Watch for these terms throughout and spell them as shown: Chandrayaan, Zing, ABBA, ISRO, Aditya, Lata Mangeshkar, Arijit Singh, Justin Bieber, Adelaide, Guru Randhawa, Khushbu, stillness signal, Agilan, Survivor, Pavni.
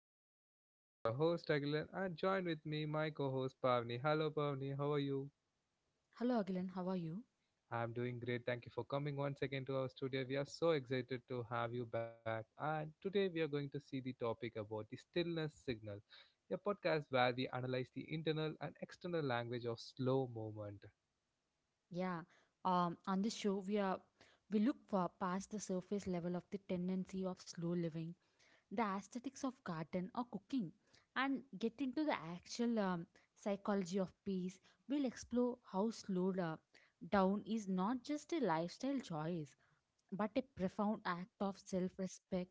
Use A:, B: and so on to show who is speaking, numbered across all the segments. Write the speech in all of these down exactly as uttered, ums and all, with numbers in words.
A: podcast. This is your host Agilan, and join with me my co-host Pavni. Hello Pavni, how are you?
B: Hello, Agilan. How are you?
A: I'm doing great. Thank you for coming once again to our studio. We are so excited to have you back. And today we are going to see the topic about the stillness signal, a podcast where we analyze the internal and external language of slow movement.
B: Yeah. Um, on this show, we are we look for past the surface level of the tendency of slow living, the aesthetics of garden or cooking, and get into the actual um, psychology of peace. We'll explore how slow uh, down is not just a lifestyle choice, but a profound act of self-respect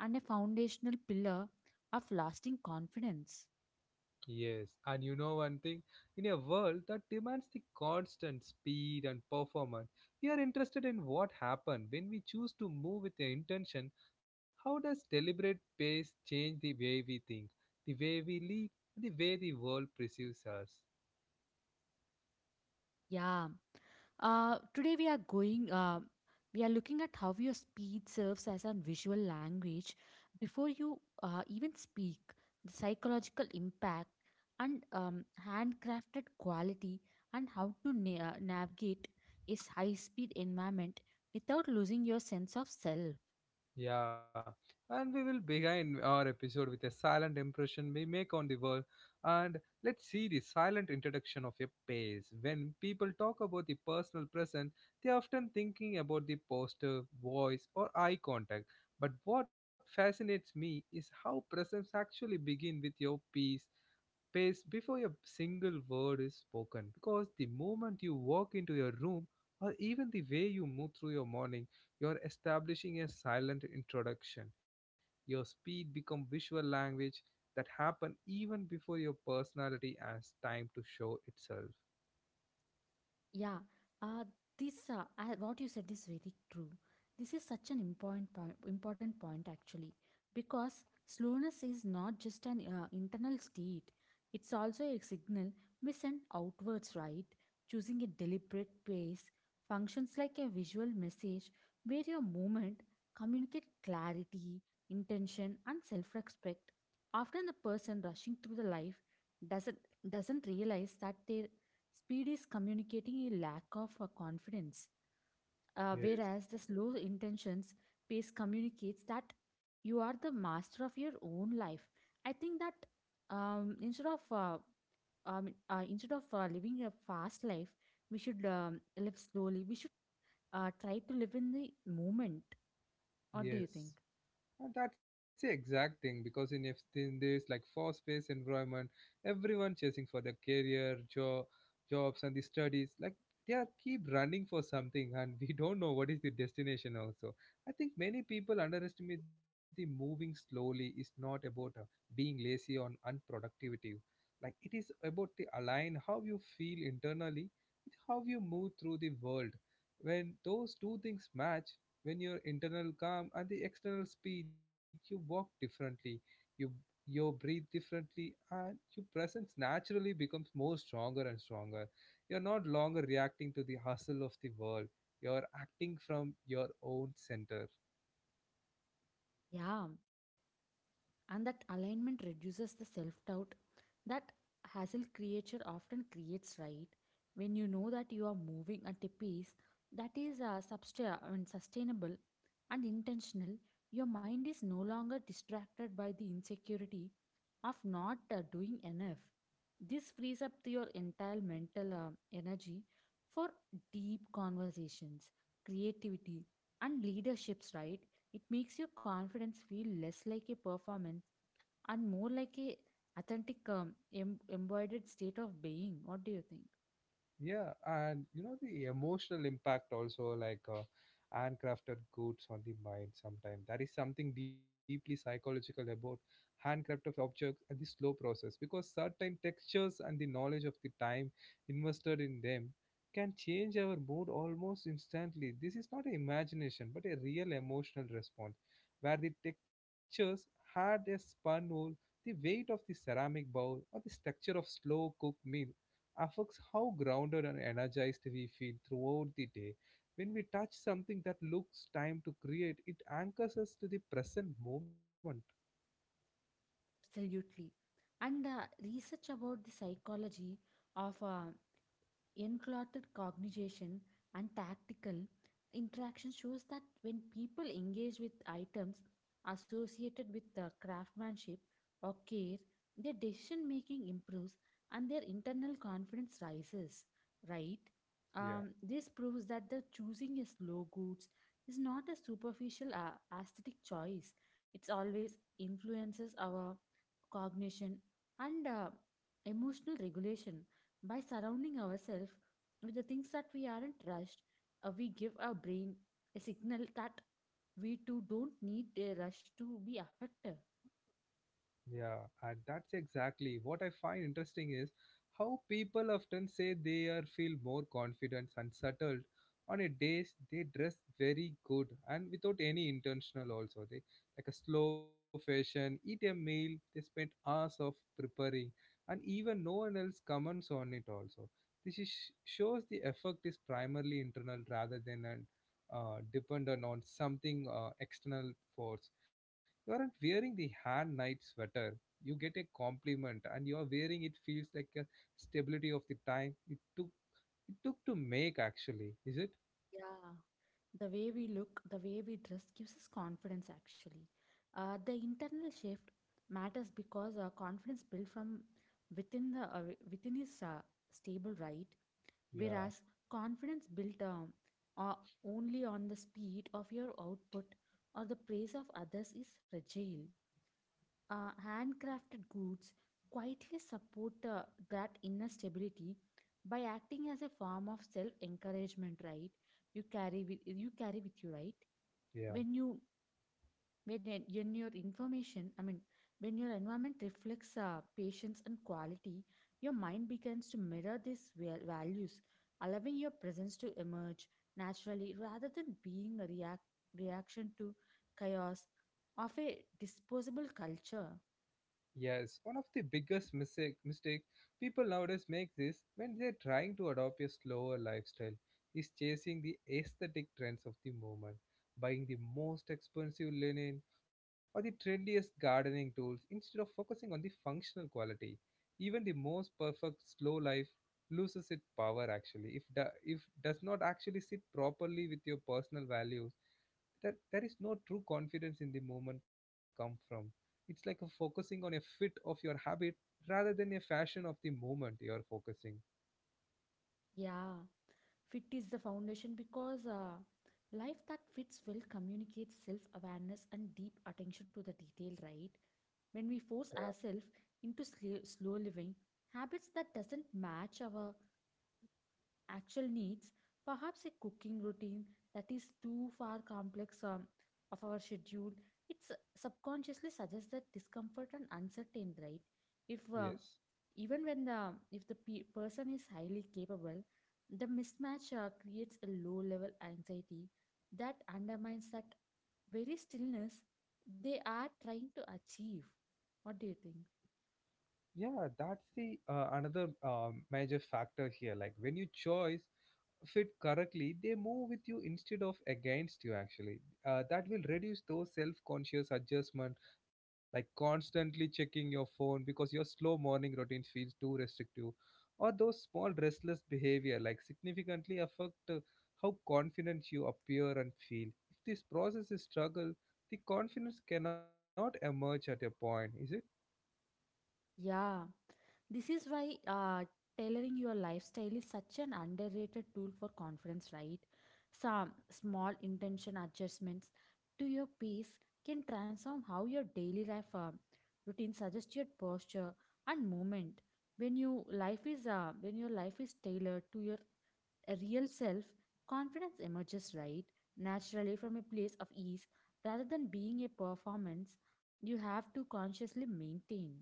B: and a foundational pillar of lasting confidence.
A: Yes, and you know one thing? In a world that demands the constant speed and performance, we are interested in what happened when we choose to move with the intention. How does deliberate pace change the way we think, the way we lead, and the way the world perceives us?
B: Yeah. Uh, today we are going. Uh, we are looking at how your speech serves as a visual language before you uh, even speak. The psychological impact and um, handcrafted quality, and how to na- uh, navigate a high-speed environment without losing your sense of self.
A: Yeah, and we will begin our episode with a silent impression we make on the world. And let's see the silent introduction of a pace. When people talk about the personal present, they are often thinking about the posture, voice, or eye contact. But what fascinates me is how presence actually begin with your peace space before a single word is spoken, because the moment you walk into your room or even the way you move through your morning, you are establishing a silent introduction. Your speed becomes visual language that happen even before your personality has time to show itself.
B: Yeah, uh, this uh, I- what you said is very true. This is such an important point, important point actually, because slowness is not just an uh, internal state; it's also a signal we send outwards. Right, choosing a deliberate pace functions like a visual message where your movement communicate clarity, intention, and self-respect. Often, the person rushing through the life doesn't doesn't realize that they speed is communicating a lack of uh, confidence, uh,
A: yes
B: whereas the slow intentions pace communicates that you are the master of your own life. I think that um, instead of uh, um, uh, instead of uh, living a fast life, we should um, live slowly. We should uh, try to live in the moment. What do you
A: yes
B: think?
A: And that's the exact thing, because in, if- in this like fast-paced environment, everyone chasing for the career, job, jobs, and the studies, like they are keep running for something, and we don't know what is the destination. Also, I think many people underestimate the moving slowly is not about uh, being lazy or unproductivity. Like it is about the align how you feel internally with how you move through the world. When those two things match, when your internal calm and the external speed, you walk differently, you you breathe differently, and your presence naturally becomes more stronger and stronger. You're not longer reacting to the hustle of the world. You're acting from your own center.
B: Yeah, and that alignment reduces the self doubt that hassle creature often creates, right? When you know that you are moving at a pace that is uh, substa- I mean, sustainable and intentional, your mind is no longer distracted by the insecurity of not uh, doing enough. This frees up your entire mental uh, energy for deep conversations, creativity, and leaderships, right? It makes your confidence feel less like a performance and more like a authentic um, em- embodied state of being. What do you think?
A: Yeah, and you know the emotional impact also, like uh, handcrafted goods on the mind sometimes. That is something deeply psychological about handcrafted objects and the slow process, because certain textures and the knowledge of the time invested in them can change our mood almost instantly. This is not an imagination but a real emotional response, where the textures had a spun wool, the weight of the ceramic bowl or the structure of slow cooked meal affects how grounded and energized we feel throughout the day. When we touch something that looks time to create, it anchors us to the present moment.
B: Absolutely. And uh, research about the psychology of uh, enclothed cognition and tactical interaction shows that when people engage with items associated with the craftsmanship or care, their decision making improves and their internal confidence rises, right?
A: Yeah.
B: Um, this proves that the choosing is low goods is not a superficial uh, aesthetic choice. It's always influences our cognition and uh, emotional regulation by surrounding ourselves with the things that we aren't rushed, uh, we give our brain a signal that we too don't need a rush to be effective.
A: Yeah, and that's exactly what I find interesting is how people often say they are feel more confident and settled on a days they dress very good, and without any intentional also they like a slow fashion eat a meal they spend hours of preparing, and even no one else comments on it also. This is, shows the effect is primarily internal rather than an uh, dependent on something uh, external force. You aren't wearing the hand knit sweater. You get a compliment, and you are wearing it feels like a stability of the time it took it took to make. Actually, is it?
B: Yeah. The way we look, the way we dress gives us confidence actually. Uh, the internal shift matters because our confidence built from within the uh, within is uh, stable, right?
A: Yeah,
B: Whereas confidence built um, uh, only on the speed of your output or the praise of others is fragile. Uh, handcrafted goods quietly support uh, that inner stability by acting as a form of self encouragement, right? you carry with you carry with you, right?
A: yeah.
B: when you when, en- when your information I mean when your environment reflects uh, patience and quality, your mind begins to mirror these val- values, allowing your presence to emerge naturally rather than being a react reaction to chaos of a disposable culture.
A: Yes, one of the biggest mistake, mistakes people nowadays make this when they're trying to adopt a slower lifestyle is chasing the aesthetic trends of the moment, buying the most expensive linen or the trendiest gardening tools instead of focusing on the functional quality. Even the most perfect slow life loses its power actually if do, if does not actually sit properly with your personal values, that there is no true confidence in the moment come from. It's like a focusing on a fit of your habit rather than a fashion of the moment you are focusing.
B: Yeah, fit is the foundation because uh, life that fits well communicates self awareness and deep attention to the detail, right? When we
A: Yeah.
B: force ourselves into sl- slow living, habits that doesn't match our actual needs, perhaps a cooking routine that is too far complex um, of our schedule. It's uh, subconsciously suggests that discomfort and uncertain, right? If uh,
A: Yes.
B: Even when the if the pe- person is highly capable, the mismatch uh, creates a low level anxiety that undermines that very stillness they are trying to achieve. What do you think?
A: yeah that's the uh, another um, major factor here, like when you choose fit correctly, they move with you instead of against you, actually. Uh, that will reduce those self conscious adjustment, like constantly checking your phone because your slow morning routine feels too restrictive, or those small restless behavior, like significantly affect uh, how confident you appear and feel. If this process is struggle, the confidence cannot emerge at a point, is it?
B: Yeah, this is why uh, tailoring your lifestyle is such an underrated tool for confidence, right? Some small intention adjustments to your pace can transform how your daily life uh, routine suggests your posture and movement. When you life is uh, when your life is tailored to your uh, real self, confidence emerges right naturally from a place of ease rather than being a performance you have to consciously maintain.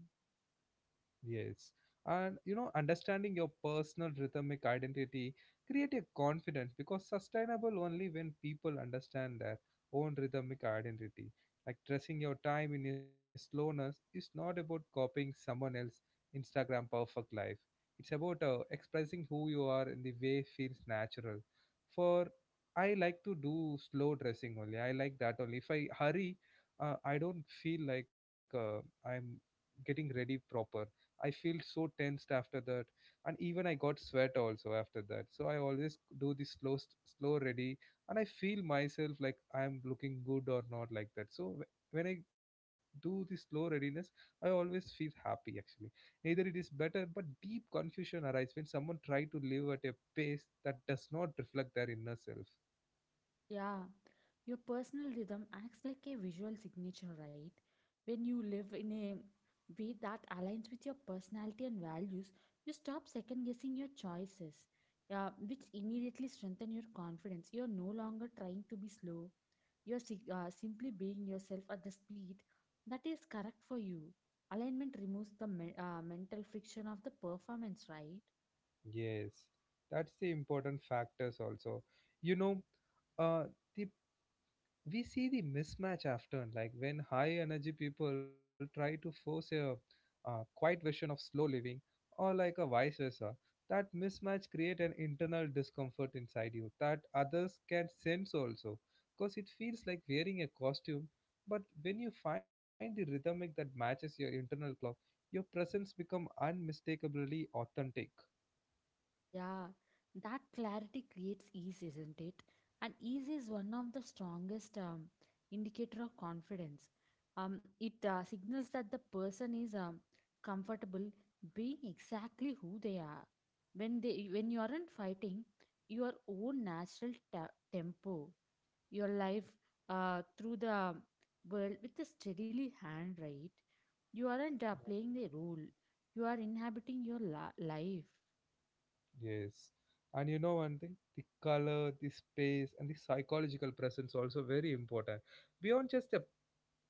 A: Yes. And you know, understanding your personal rhythmic identity create a confidence because sustainable only when people understand their own rhythmic identity. Like dressing your time in a slowness is not about copying someone else' Instagram perfect life. It's about uh, expressing who you are in the way feels natural. For I like to do slow dressing only. I like that only. If I hurry, uh, I don't feel like uh, I'm getting ready proper. I feel so tensed after that, and even I got sweat also after that. So I always do the slow, st- slow ready, and I feel myself like I am looking good or not like that. So wh- when I do the slow readiness, I always feel happy actually. Neither it is better, but deep confusion arises when someone try to live at a pace that does not reflect their inner self.
B: Yeah, your personal rhythm acts like a visual signature, right? When you live in a way that aligns with your personality and values, you stop second guessing your choices, uh, which immediately strengthen your confidence. You're no longer trying to be slow, you're si- uh, simply being yourself at the speed that is correct for you. Alignment removes the me- uh, mental friction of the performance, right?
A: Yes, that's the important factors also. You know, uh, the we see the mismatch often, like when high energy people try to force a, uh quiet version of slow living, or like a vice versa. That mismatch create an internal discomfort inside you that others can sense also, because it feels like wearing a costume. But when you find the rhythmic that matches your internal clock, your presence become unmistakably authentic.
B: Yeah, that clarity creates ease, isn't it? And ease is one of the strongest um, indicator of confidence. Um, it uh, signals that the person is um, comfortable being exactly who they are. When they when you aren't fighting your own natural ta- tempo, your life uh, through the world with a steadily hand, right? You aren't uh, playing the role. You are inhabiting your la- life.
A: Yes. And you know one thing, the color, the space, and the psychological presence also very important. Beyond just the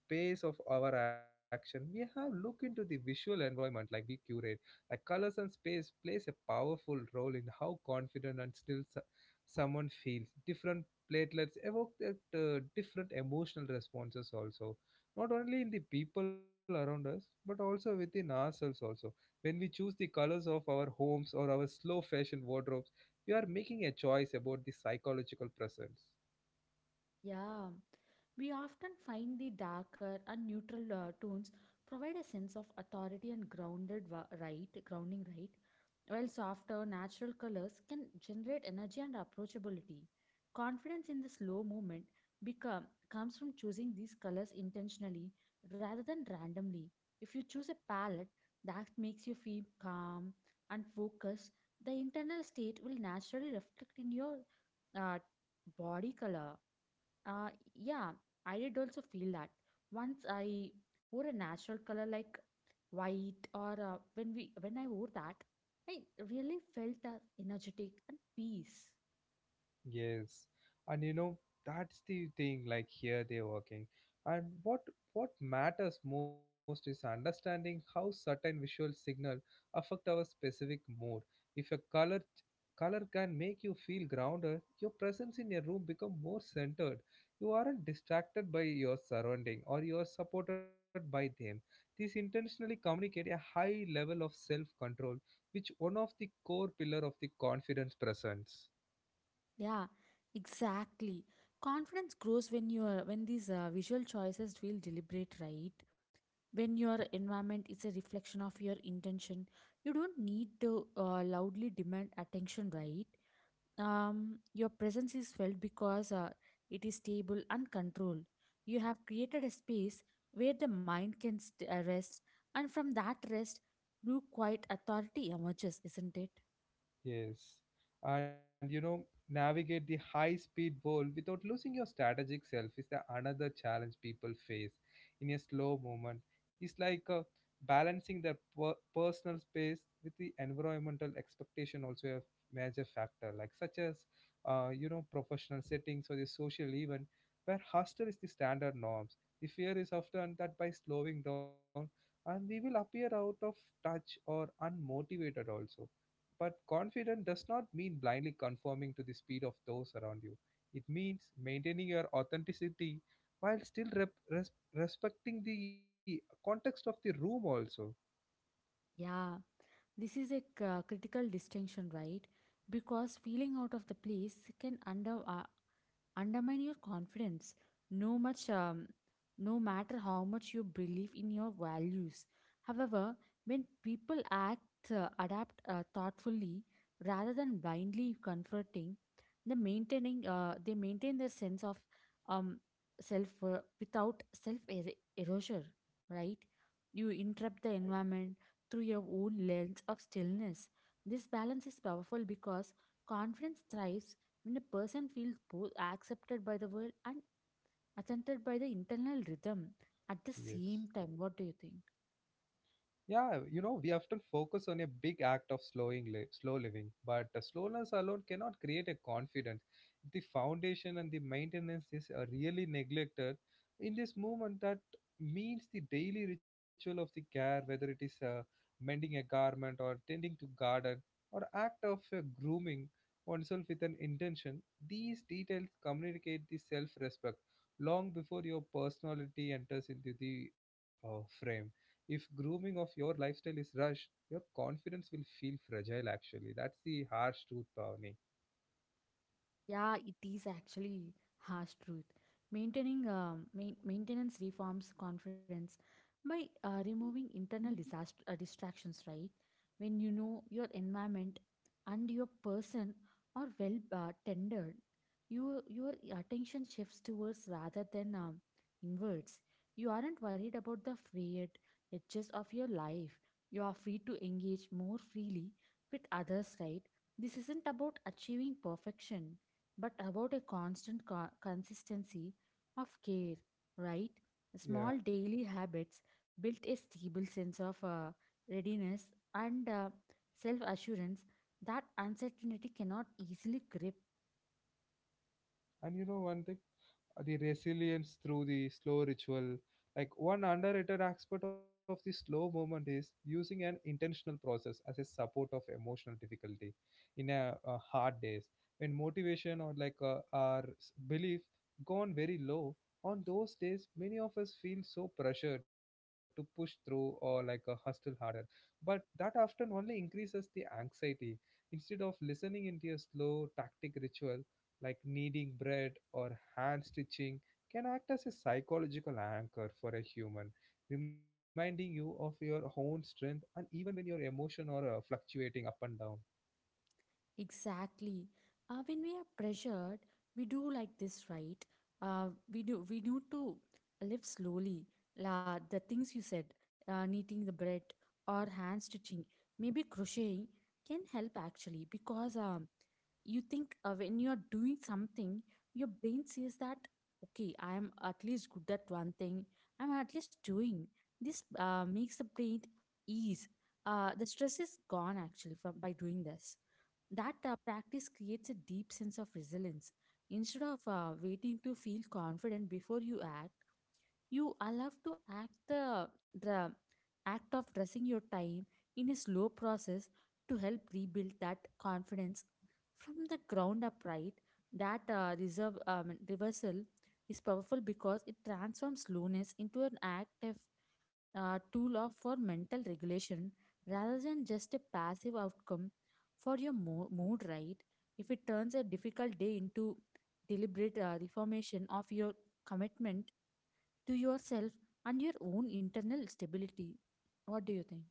A: pace of our action, we have look into the visual environment, like we curate like colors and space plays a powerful role in how confident and still so- someone feels. Different platelets evoke that, uh, different emotional responses also, not only in the people around us but also within ourselves also. When we choose the colors of our homes or our slow fashion wardrobes, we are making a choice about the psychological presence.
B: Yeah, we often find the darker and neutral uh, tones provide a sense of authority and grounded wa- right, grounding, right, while softer natural colors can generate energy and approachability. Confidence in the slow movement become comes from choosing these colors intentionally rather than randomly. If you choose a palette that makes you feel calm and focused, the internal state will naturally reflect in your uh, body color. Uh, yeah, I did also feel that. Once I wore a natural color like white, or uh, when we when I wore that, I really felt uh, energetic and peace.
A: Yes, and you know that's the thing. Like here they're working, and what what matters most is understanding how certain visual signal affect our specific mood. If a color color can make you feel grounded, your presence in a room become more centered. You aren't distracted by your surrounding, or you are supported by them. These intentionally communicate a high level of self control, which one of the core pillar of the confidence presence.
B: Yeah, exactly. Confidence grows when you're when these uh, visual choices feel deliberate, right? When your environment is a reflection of your intention, you don't need to uh, loudly demand attention, right? Um, your presence is felt because uh, it is stable and controlled. You have created a space where the mind can st- uh, rest, and from that rest, new quiet authority emerges, isn't it?
A: Yes. And you know, navigate the high speed world without losing your strategic self is the another challenge people face in a slow movement. It's like uh, balancing their per- personal space with the environmental expectation also a major factor, like such as uh, you know professional settings or the social event where hustle is the standard norms. The fear is often that by slowing down, and we will appear out of touch or unmotivated also, but confident does not mean blindly conforming to the speed of those around you. It means maintaining your authenticity while still rep- res- respecting the context of the room, also.
B: Yeah, this is a c- uh, critical distinction, right? Because feeling out of the place can under, uh, undermine your confidence no much um, no matter how much you believe in your values. However, when people act uh, adapt uh, thoughtfully rather than blindly confronting the maintaining uh, they maintain their sense of um, self uh, without self er- erasure, right? You interrupt the environment through your own lens of stillness. This balance is powerful because confidence thrives when a person feels both accepted by the world and attentive by the internal rhythm at the same
A: Yes.
B: time. What do you think?
A: Yeah, you know, we often focus on a big act of slowing li- slow living, but uh, slowness alone cannot create a confidence. If the foundation and the maintenance is uh, really neglected, in this movement, that means the daily ritual of the care, whether it is uh, mending a garment or tending to garden or act of uh, grooming oneself with an intention, these details communicate the self-respect long before your personality enters into the uh, frame. If grooming of your lifestyle is rushed, your confidence will feel fragile actually. That's the harsh truth, Pavni.
B: Yeah, it is actually harsh truth. Maintaining um, main, maintenance reforms confidence by uh, removing internal disaster uh, distractions, right? When you know your environment and your person are well uh, tendered, you your attention shifts towards rather than um, inwards. You aren't worried about the fate edges of your life. You are free to engage more freely with others, right? This isn't about achieving perfection but about a constant co- consistency of care, right?
A: Yeah.
B: Small daily habits built a stable sense of uh, readiness and uh, self assurance that uncertainty cannot easily grip.
A: And you know one thing? Uh, the resilience through the slow ritual. Like one underrated aspect of the slow movement is using an intentional process as a support of emotional difficulty in a, uh hard days, when motivation or like uh, our s- belief gone very low. On those days, many of us feel so pressured to push through or like a hustle harder, but that often only increases the anxiety. Instead of listening into a slow tactic ritual, like kneading bread or hand stitching, can act as a psychological anchor for a human, reminding you of your own strength and even when your emotion are uh, fluctuating up and down.
B: Exactly. Uh, when we are pressured, we do like this, right? Uh, we do. We need to live slowly. La, the things you said, uh, knitting the bread or hand stitching, maybe crocheting, can help actually because um, you think uh, when you are doing something, your brain says that okay, I am at least good at one thing. I'm at least doing this. Uh, makes the brain ease. Uh, the stress is gone actually from by doing this. That uh, practice creates a deep sense of resilience instead of uh, waiting to feel confident before you act. You allow to act the, the act of dressing your time in a slow process to help rebuild that confidence from the ground up, right? That uh, reserve um, reversal is powerful because it transforms slowness into an act of uh, tool of for mental regulation rather than just a passive outcome for your mo- mood, right? If it turns a difficult day into deliberate uh, reformation of your commitment to yourself and your own internal stability. What do you think?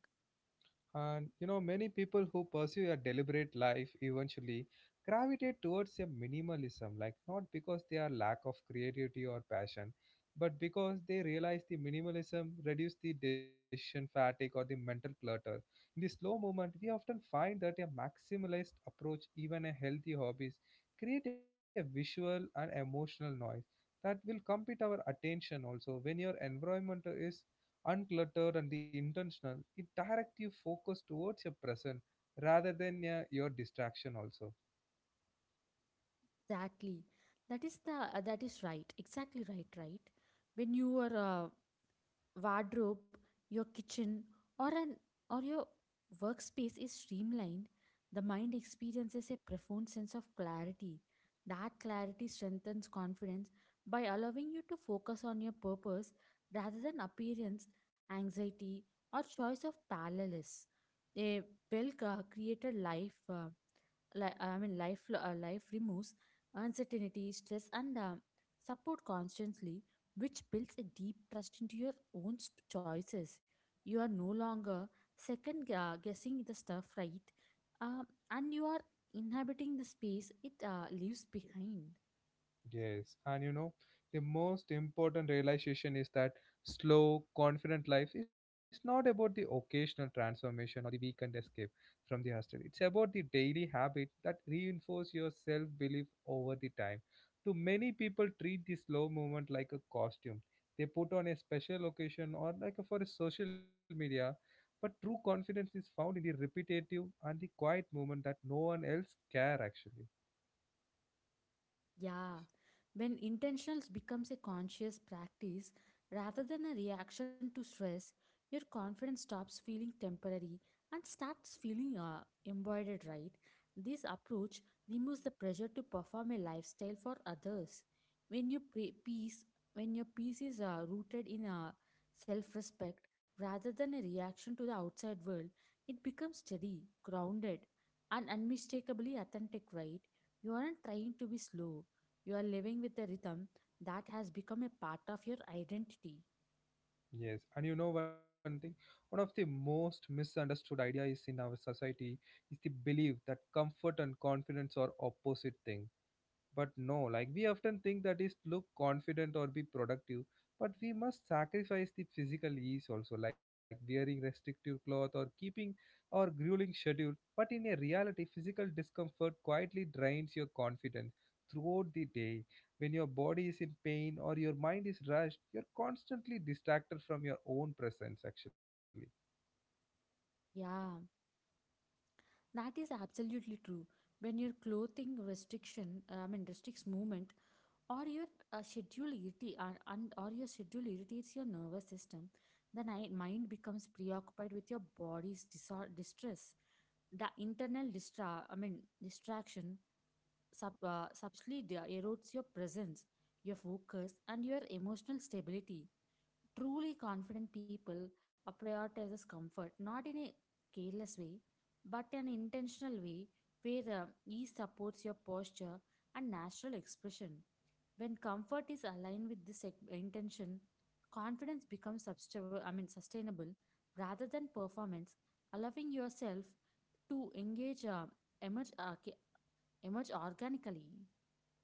A: And you know, many people who pursue a deliberate life eventually gravitate towards a minimalism, like not because they are lack of creativity or passion, but because they realize the minimalism reduce the decision fatigue or the mental clutter. In the slow movement, we often find that a maximalist approach, even a healthy hobbies, create a visual and emotional noise that will compete our attention also. When your environment is uncluttered and the intentional, it directs your focus towards your present rather than uh, your distraction also.
B: Exactly, that is the uh, that is right exactly right right. When you are uh, wardrobe, your kitchen, or an or your workspace is streamlined, the mind experiences a profound sense of clarity. That clarity strengthens confidence by allowing you to focus on your purpose rather than appearance, anxiety, or choice of parallels. A well uh, created life. Uh, li- I mean, life, uh, life removes uncertainty, stress, and um, support constantly, which builds a deep trust into your own st- choices. You are no longer second gu- guessing the stuff, right? Um, and you are inhabiting the space it uh, leaves behind.
A: Yes, and you know, the most important realization is that slow, confident life is not about the occasional transformation or the weekend escape from the hostel. It's about the daily habit that reinforce your self-belief over the time. Too many people treat the slow movement like a costume. They put on a special occasion or like for a social media, but true confidence is found in the repetitive and the quiet movement that no one else care actually.
B: Yeah, when intentionals becomes a conscious practice rather than a reaction to stress, your confidence stops feeling temporary and starts feeling uh, embroidered, right? This approach removes the pressure to perform a lifestyle for others. When your pre- peace, when your peace is uh, rooted in uh, self-respect rather than a reaction to the outside world, it becomes steady, grounded, and unmistakably authentic, right? You aren't trying to be slow, you are living with a rhythm that has become a part of your identity.
A: Yes, and you know one thing, one of the most misunderstood idea is in our society is the belief that comfort and confidence are opposite things. But no, like we often think that is look confident or be productive, but we must sacrifice the physical ease also, like wearing restrictive cloth or keeping or grueling schedule. But in a reality, physical discomfort quietly drains your confidence throughout the day. When your body is in pain or your mind is rushed, you're constantly distracted from your own presence actually.
B: Yeah, that is absolutely true. When your clothing restriction, uh, I mean, restricts movement, or your uh, schedule irritates, or, and- or your schedule irritates your nervous system, the ni- mind becomes preoccupied with your body's disor- distress. The internal distra, I mean, distraction sub, uh, subtly de- erodes your presence, your focus, and your emotional stability. Truly confident people uh, prioritizes comfort, not in a careless way, but an intentional way where uh, ease supports your posture and natural expression. When comfort is aligned with this ex- intention, confidence becomes substable. I mean sustainable rather than performance, allowing yourself to engage uh, emerge arca- emerge organically.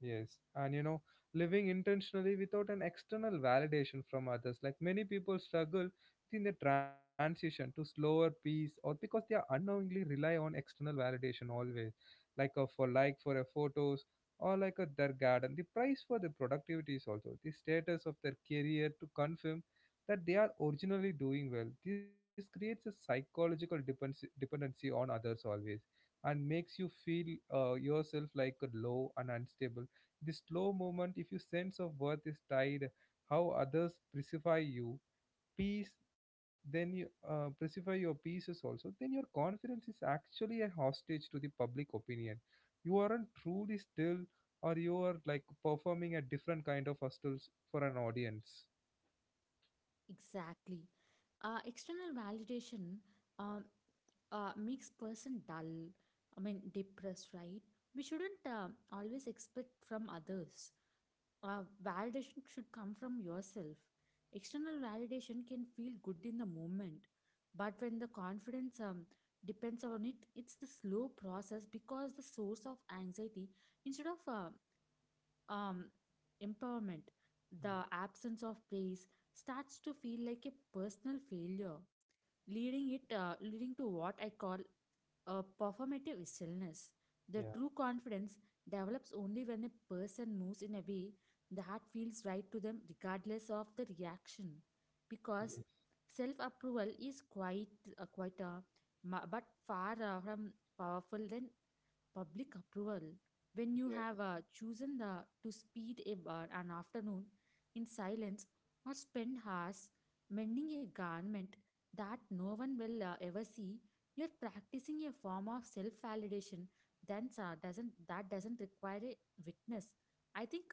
A: Yes, and you know, living intentionally without an external validation from others. Like many people struggle in the transition to slower pace or because they are unknowingly rely on external validation always. Like a for like for a photos or like a their garden. The price for the productivity is also the status of their career to confirm that they are originally doing well. This creates a psychological dependency dependency on others always and makes you feel uh, yourself like a low and unstable the slow movement if your sense of worth is tied how others precify you peace, then you uh, precify your pieces also, then your confidence is actually a hostage to the public opinion. You aren't truly still, or you are like performing a different kind of hostels for an audience.
B: Exactly, uh, external validation. Um. Uh, makes person dull, I mean depressed, right? We shouldn't uh, always expect from others. Uh, validation should come from yourself. External validation can feel good in the moment, but when the confidence um, depends on it, it's the slow process because the source of anxiety instead of uh, um, empowerment, the
A: Yeah.
B: absence of praise starts to feel like a personal failure, leading it uh, leading to what I call a performative stillness. The true confidence develops only when a person moves in a way that feels right to them, regardless of the reaction. Because
A: Yeah. Yes.
B: self approval is quite uh, quite uh, ma- but far uh, from powerful than public approval. When you have
A: Yes.
B: uh, chosen the to speed a bar an afternoon in silence or spend hours mending a garment that no one will uh, ever see, you're practicing a form of self validation then uh, doesn't that doesn't require a witness, I think.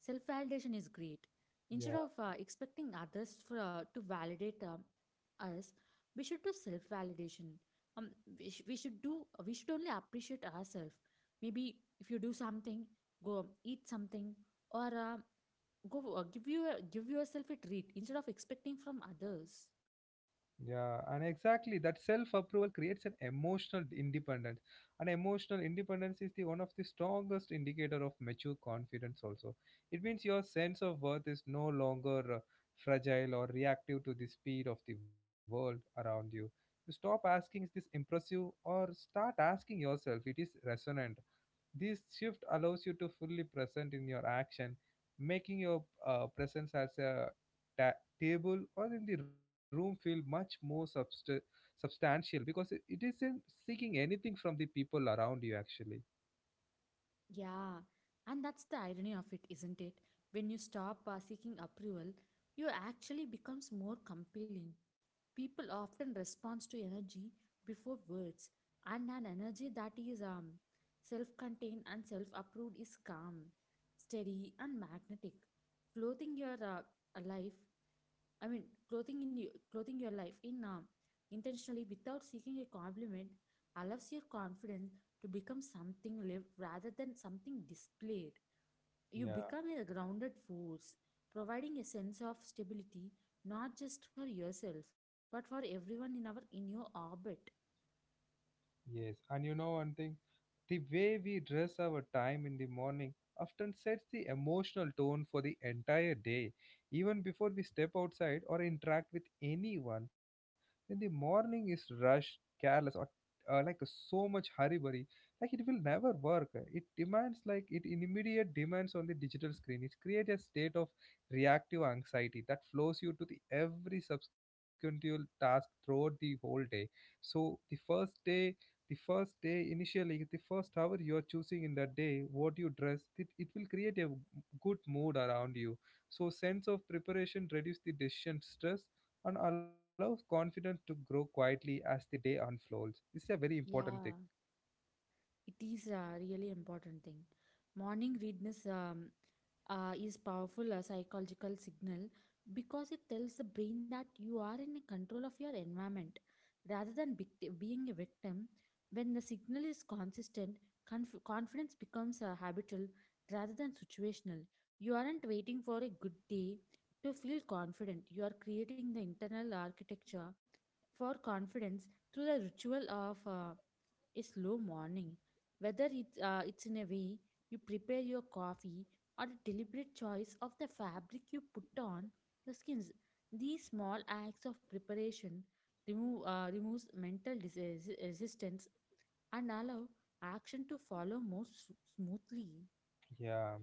B: Self validation is great. Instead of uh,
A: Yeah.
B: expecting others for, uh, to validate um, us, we should do self validation. Um, we, sh- we should do we should only appreciate ourselves. Maybe if you do something, go eat something or uh, go uh, give you a, give yourself a treat instead of expecting from others.
A: Yeah, and exactly that self approval creates an emotional independence. And emotional independence is the one of the strongest indicator of mature confidence also. It means your sense of worth is no longer uh, fragile or reactive to the speed of the world around you. You stop asking is this impressive or start asking yourself it is resonant. This shift allows you to fully present in your action, making your uh, presence as a ta- table or in the room feel much more subst- substantial because it, it isn't seeking anything from the people around you actually.
B: Yeah, and that's the irony of it, isn't it? When you stop uh, seeking approval, you actually becomes more compelling. People often respond to energy before words, and an energy that is um, self contained and self approved is calm, steady, and magnetic. Clothing your uh, a life, I mean, clothing, in you, Clothing your life in uh, intentionally without seeking a compliment allows your confidence to become something lived rather than something displayed. You become a grounded force, providing a sense of stability not just for yourself, but for everyone in our in your orbit.
A: Yes, and you know one thing, the way we dress our time in the morning often sets the emotional tone for the entire day. Even before we step outside or interact with anyone, when the morning is rushed, careless, or uh, like so much hurry burry, like it will never work. It demands like it immediate demands on the digital screen. It creates a state of reactive anxiety that flows you to the every subsequent task throughout the whole day. So the first day the first day initially the first hour you are choosing in that day what you dress it, it will create a good mood around you, so sense of preparation reduce the decision stress and allows confidence to grow quietly as the day unfolds. This is a very important thing.
B: Yeah. It is a really important thing. Morning readiness um, uh, is powerful a psychological signal because it tells the brain that you are in control of your environment rather than vict- being a victim. When the signal is consistent, conf- confidence becomes uh, habitual rather than situational. You aren't waiting for a good day to feel confident. You are creating the internal architecture for confidence through the ritual of. Uh, a slow morning, whether it, uh, it's in a way you prepare your coffee or the deliberate choice of the fabric you put on your skins. These small acts of preparation remove, uh, removes mental dis- resistance and allow action to follow more s- smoothly.
A: Yeah.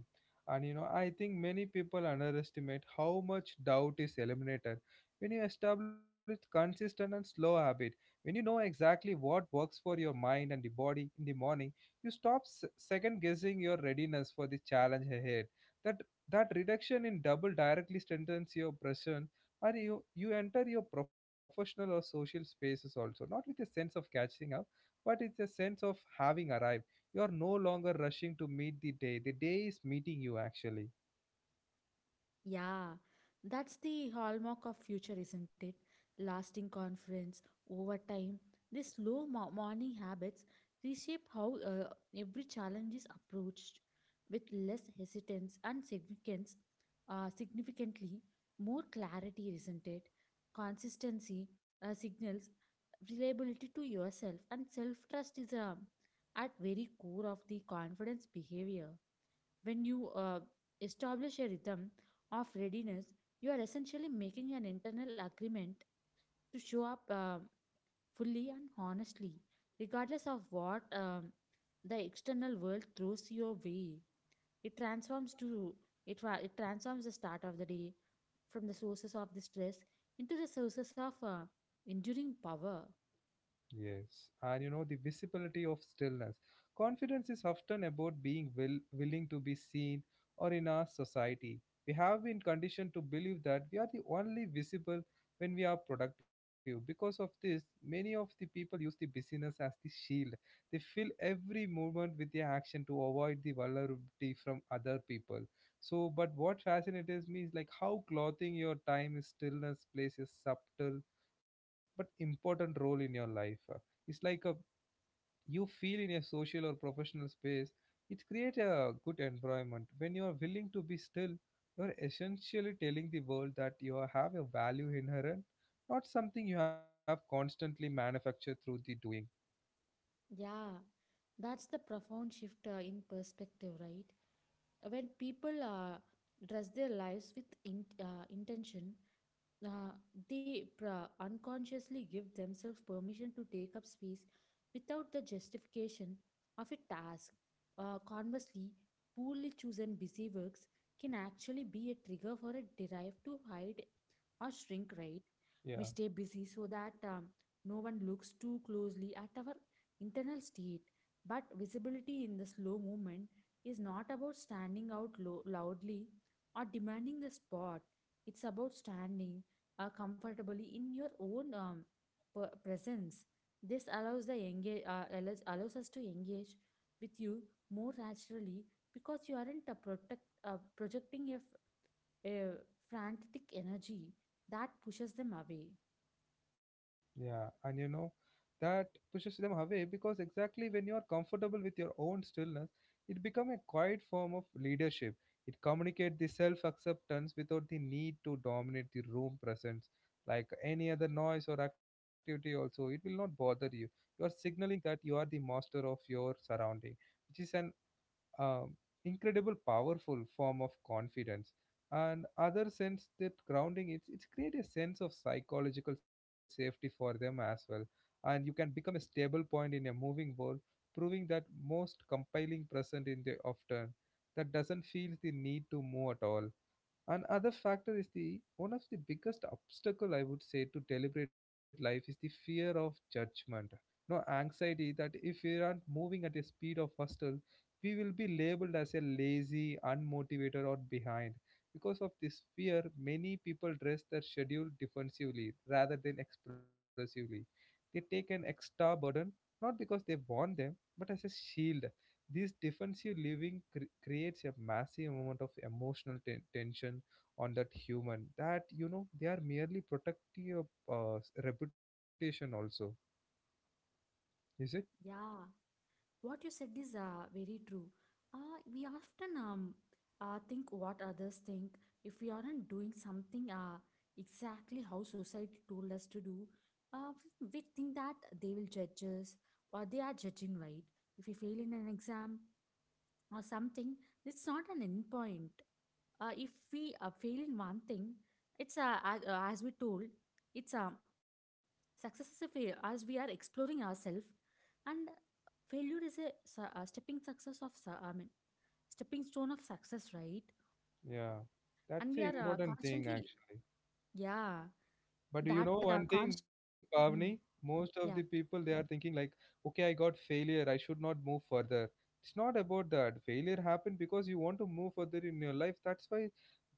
A: And you know, I think many people underestimate how much doubt is eliminated when you establish consistent and slow habit. When you know exactly what works for your mind and the body in the morning, you stop s- second guessing your readiness for the challenge ahead. That that reduction in double directly strengthens your presence, and you, you enter your professional or social spaces also, not with a sense of catching up, but it's a sense of having arrived. You are no longer rushing to meet the day, the day is meeting you actually.
B: Yeah, that's the hallmark of future, isn't it? Lasting conference over time. These slow mo- morning habits reshape how uh, every challenge is approached with less hesitance and significance, uh, significantly more clarity, isn't it? Consistency uh, signals reliability to yourself, and self trust is um, at very core of the confidence behavior. When you uh, establish a rhythm of readiness, you are essentially making an internal agreement to show up uh, fully and honestly, regardless of what um, the external world throws your way. It transforms to it, tra- It transforms the start of the day from the sources of the stress into the sources of uh, enduring power.
A: Yes, and you know the visibility of stillness. Confidence is often about being will, willing to be seen or in our society. We have been conditioned to believe that we are the only visible when we are productive. Because of this, many of the people use the busyness as the shield. They fill every movement with their action to avoid the vulnerability from other people. So, but what fascinates me is like how clothing your time is stillness plays a subtle but important role in your life. It's like a, you feel in a social or professional space. It creates a good environment. When you are willing to be still, you are essentially telling the world that you are- have a value inherent, not something you have constantly manufactured through the doing.
B: Yeah, that's the profound shift uh, in perspective, right? When people uh, dress their lives with in, uh, intention, uh, they pra- unconsciously give themselves permission to take up space without the justification of a task. Uh, conversely, poorly chosen busy works can actually be a trigger for a drive to hide or shrink, right? We
A: Yeah.
B: stay busy so that um, no one looks too closely at our internal state. But visibility in the slow movement is not about standing out lo- loudly or demanding the spot. It's about standing uh, comfortably in your own um, per- presence. This allows the engage uh, allows, allows us to engage with you more naturally because you aren't uh, protect, uh, projecting a, f- a frantic energy that pushes them away.
A: Yeah, and you know, that pushes them away because exactly when you are comfortable with your own stillness, it becomes a quiet form of leadership. It communicates the self acceptance without the need to dominate the room presence. Like any other noise or activity, also, it will not bother you. You are signaling that you are the master of your surrounding, which is an um, incredible powerful form of confidence and other sense that grounding it's it's create a sense of psychological safety for them as well, and you can become a stable point in a moving world, proving that most compelling present in the often that doesn't feel the need to move at all. Another factor is the one of the biggest obstacle I would say to deliberate life is the fear of judgment. No anxiety that if we aren't moving at a speed of hustle, we will be labeled as a lazy, unmotivated, or behind. Because of this fear, many people dress their schedule defensively rather than expressively. They take an extra burden not because they want them, but as a shield. This defensive living cre- creates a massive amount of emotional ten- tension on that human that, you know, they are merely protecting your uh, s- reputation also. Is it?
B: Yeah, what you said is uh, very true. Uh, we often um, uh, think what others think. If we aren't doing something uh, exactly how society told us to do, uh, we think that they will judge us or they are judging, right? If we fail in an exam or something, it's not an end point. Uh, if we uh, fail in one thing, it's uh, as, uh, as we told, it's um success is a failure as we are exploring ourselves, and failure is a, su- a stepping success of su- I mean stepping stone of success, right?
A: Yeah,
B: And
A: that's
B: we
A: an
B: are uh,
A: important thing
B: constantly
A: actually.
B: yeah
A: But you
B: that
A: know
B: uh,
A: one
B: const
A: thing, Pavni,
B: mm,
A: most of the people
B: yeah.
A: they are thinking like, okay, I got failure, I should not move further. It's not about that. Failure happened because you want to move further in your life. That's why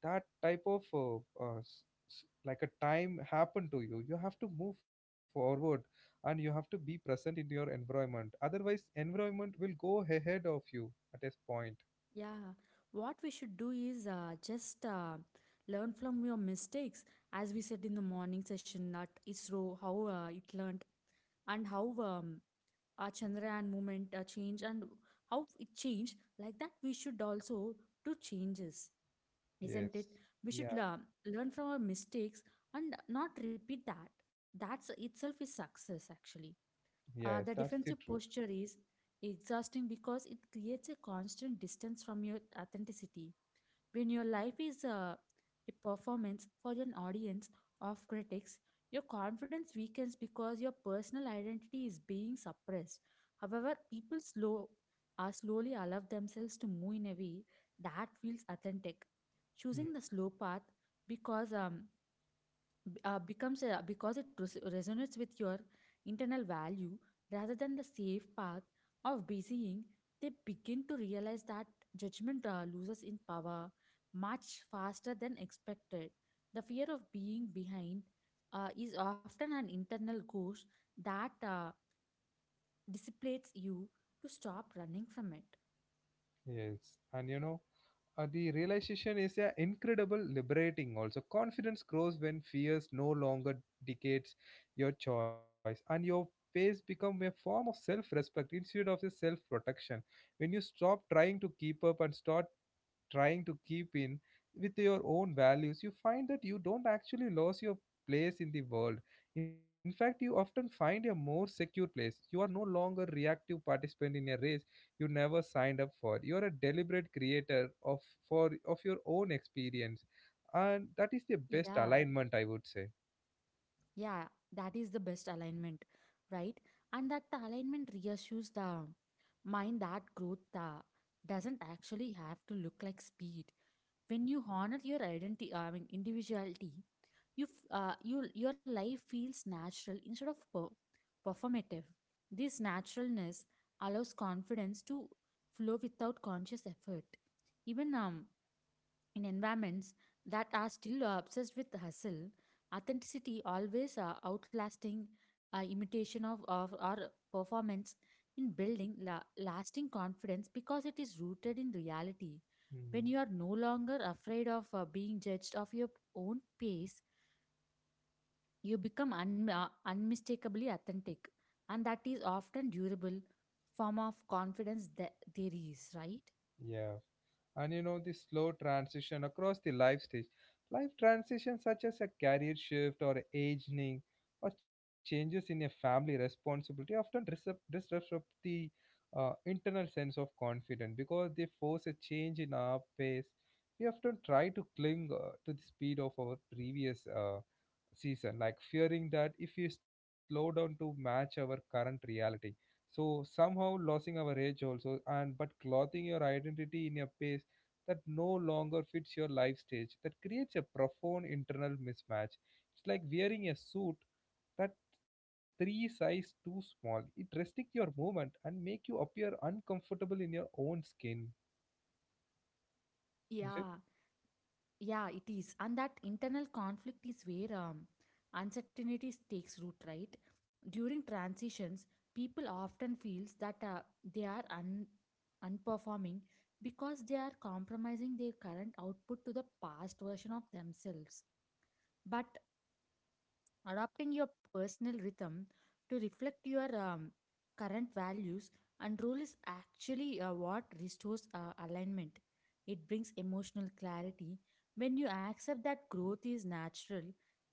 A: that type of uh, uh, s- s- like a time happened to you. You have to move forward and you have to be present in your environment. Otherwise, environment will go ahead of you at a point.
B: Yeah. What we should do is uh, just uh, learn from your mistakes, as we said in the morning session at ISRO, how uh, it learned and how um, our Chandrayaan movement uh, changed and how it changed. Like that, we should also do changes, isn't
A: Yes.
B: it? We should
A: Yeah.
B: learn, learn from our mistakes and not repeat that. That's itself is success actually.
A: Yes.
B: Uh,
A: That's
B: the
A: the truth.
B: defensive posture is exhausting because it creates a constant distance from your authenticity. When your life is uh, a performance for an audience of critics, your confidence weakens because your personal identity is being suppressed. However, people slow are slowly allow themselves to move in a way that feels authentic.
A: Hmm.
B: Choosing the slow path because um, b- uh, becomes a, because it res- resonates with your internal value rather than the safe path of busying, they begin to realize that judgment uh, loses in power much faster than expected. The fear of being behind uh, is often an internal ghost that uh, disciplines you to stop running from it.
A: Yes, and you know, uh, the realization is uh, incredible, liberating. Also, confidence grows when fears no longer dictates your choice, and your pace become a form of self-respect instead of a self-protection. When you stop trying to keep up and start trying to keep in with your own values, you find that you don't actually lose your place in the world. In fact, you often find a more secure place. You are no longer reactive participant in a race you never signed up for. You are a deliberate creator of for of your own experience, and that is the best
B: Yeah.
A: alignment, I would say.
B: Yeah, that is the best alignment, right? And that alignment reassures the mind that growth uh, doesn't actually have to look like speed. When you honor your identity, I mean individuality, you f- uh, you your life feels natural instead of per- performative. This naturalness allows confidence to flow without conscious effort. Even um, in environments that are still uh, obsessed with hustle, authenticity always uh, outlasting uh, imitation of, of or performance in building la- lasting confidence because it is rooted in reality. When
A: Hmm.
B: you are no longer afraid of uh, being judged of your own pace, you become un- uh, unmistakably authentic, and that is often durable form of confidence that there is, right?
A: Yeah. And you know, the slow transition across the life stage. Life transitions such as a career shift or aging or changes in a family responsibility often disrupt, disrupt the uh, internal sense of confidence because they force a change in our pace. We often try to cling uh, to the speed of our previous uh, season, like fearing that if we slow down to match our current reality, so somehow losing our age also, and but clothing your identity in a pace that no longer fits your life stage, that creates a profound internal mismatch. It's like wearing a suit that three size too small. It restricts your movement and make you appear uncomfortable in your own skin. Is it?
B: Yeah. Yeah, it is. And that internal conflict is where um, uncertainty takes root, right? During transitions, people often feels that uh, they are un- unperforming because they are compromising their current output to the past version of themselves. But adopting your personal rhythm to reflect your um, current values and role is actually uh, what restores uh, alignment. It brings emotional clarity when you accept that growth is natural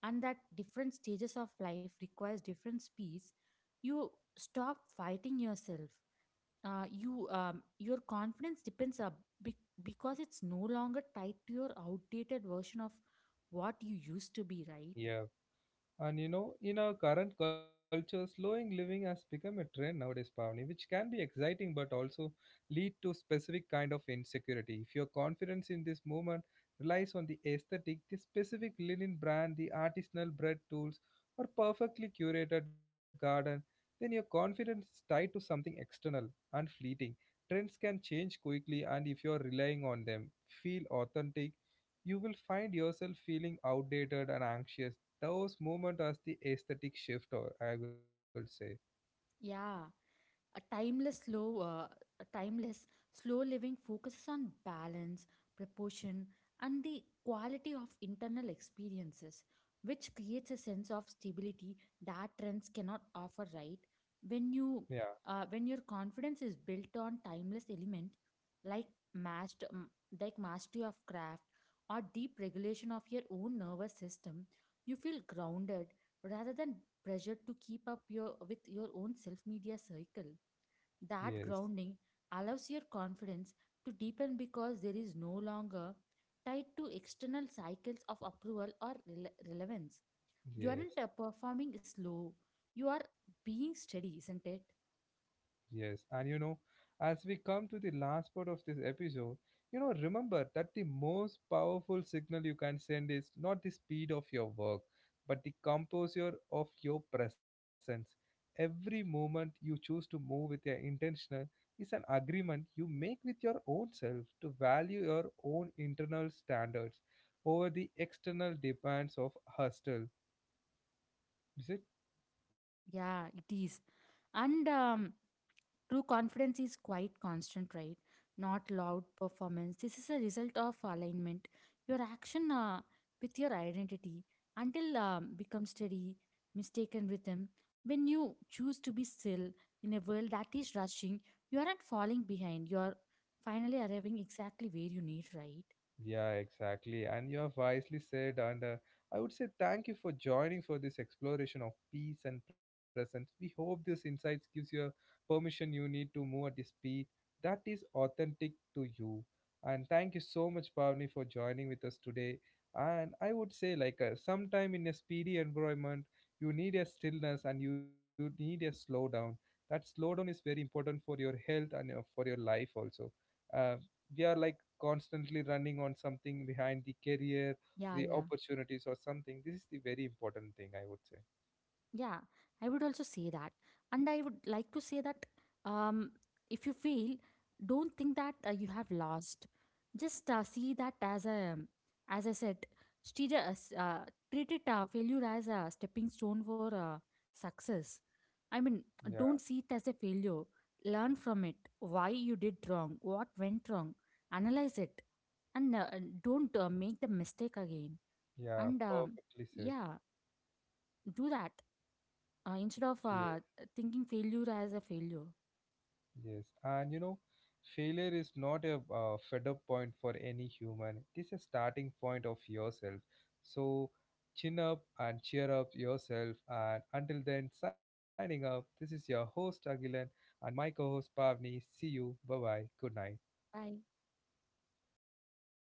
B: and that different stages of life requires different speeds. You stop fighting yourself. Uh, you um, your confidence depends up be- because it's no longer tied to your outdated version of what you used to be, right?
A: Yeah. And you know, in our current culture, slowing living has become a trend nowadays, Pavni, which can be exciting but also lead to specific kind of insecurity. If your confidence in this movement relies on the aesthetic, the specific linen brand, the artisanal bread tools, or perfectly curated garden, then your confidence is tied to something external and fleeting. Trends can change quickly, and if you're relying on them, feel authentic, you will find yourself feeling outdated and anxious those movement as the aesthetic shift, or I will say.
B: Yeah. A timeless slow, uh, a timeless slow living focuses on balance, proportion, and the quality of internal experiences, which creates a sense of stability that trends cannot offer. Right, when
A: Yeah.
B: you, uh, when your confidence is built on timeless element like master, m- like mastery of craft or deep regulation of your own nervous system, you feel grounded rather than pressured to keep up your with your own self media cycle. That
A: Yes.
B: grounding allows your confidence to deepen because there is no longer tied to external cycles of approval or rele- relevance. You
A: Yes.
B: aren't uh, performing slow, you are being steady, isn't it?
A: Yes, and you know, as we come to the last part of this episode, you know, remember that the most powerful signal you can send is not the speed of your work, but the composure of your presence. Every moment you choose to move with your intentional is an agreement you make with your own self to value your own internal standards over the external demands of hustle. Is it?
B: Yeah, it is. And um, true confidence is quite constant, right? Not loud performance. This is a result of alignment. Your action uh, with your identity until um, becomes steady, mistaken rhythm. When you choose to be still in a world that is rushing, you aren't falling behind. You're finally arriving exactly where you need, right?
A: Yeah, exactly. And you have wisely said, and uh, I would say thank you for joining for this exploration of peace and presence. We hope this insights gives you a permission you need to move at the speed that is authentic to you. And thank you so much, Pavni, for joining with us today. And I would say, like, uh, sometime in a speedy environment, you need a stillness and you need a slowdown. That slowdown is very important for your health and uh, for your life also. Uh, we are like constantly running on something behind the career,
B: Yeah,
A: the
B: yeah.
A: opportunities or something. This is the very important thing, I would say.
B: Yeah, I would also say that. And I would like to say that um, if you fail, don't think that uh, you have lost. Just uh, see that as a, as I said, stage, uh, s- uh, treat it uh, failure as a stepping stone for uh, success. I mean,
A: Yeah.
B: don't see it as a failure. Learn from it. Why you did wrong, what went wrong, analyze it, and uh, and don't uh, make the mistake again.
A: Yeah.
B: And um,
A: Perfectly said.
B: yeah, do that. Uh, instead
A: Yes.
B: of uh, thinking failure as a failure,
A: Yes, and you know, failure is not a uh, fed up point for any human, it is a starting point of yourself. So chin up and cheer up yourself, and until then signing up, this is your host Agilan and my co-host Pavni. See you, bye bye, good night.
B: bye.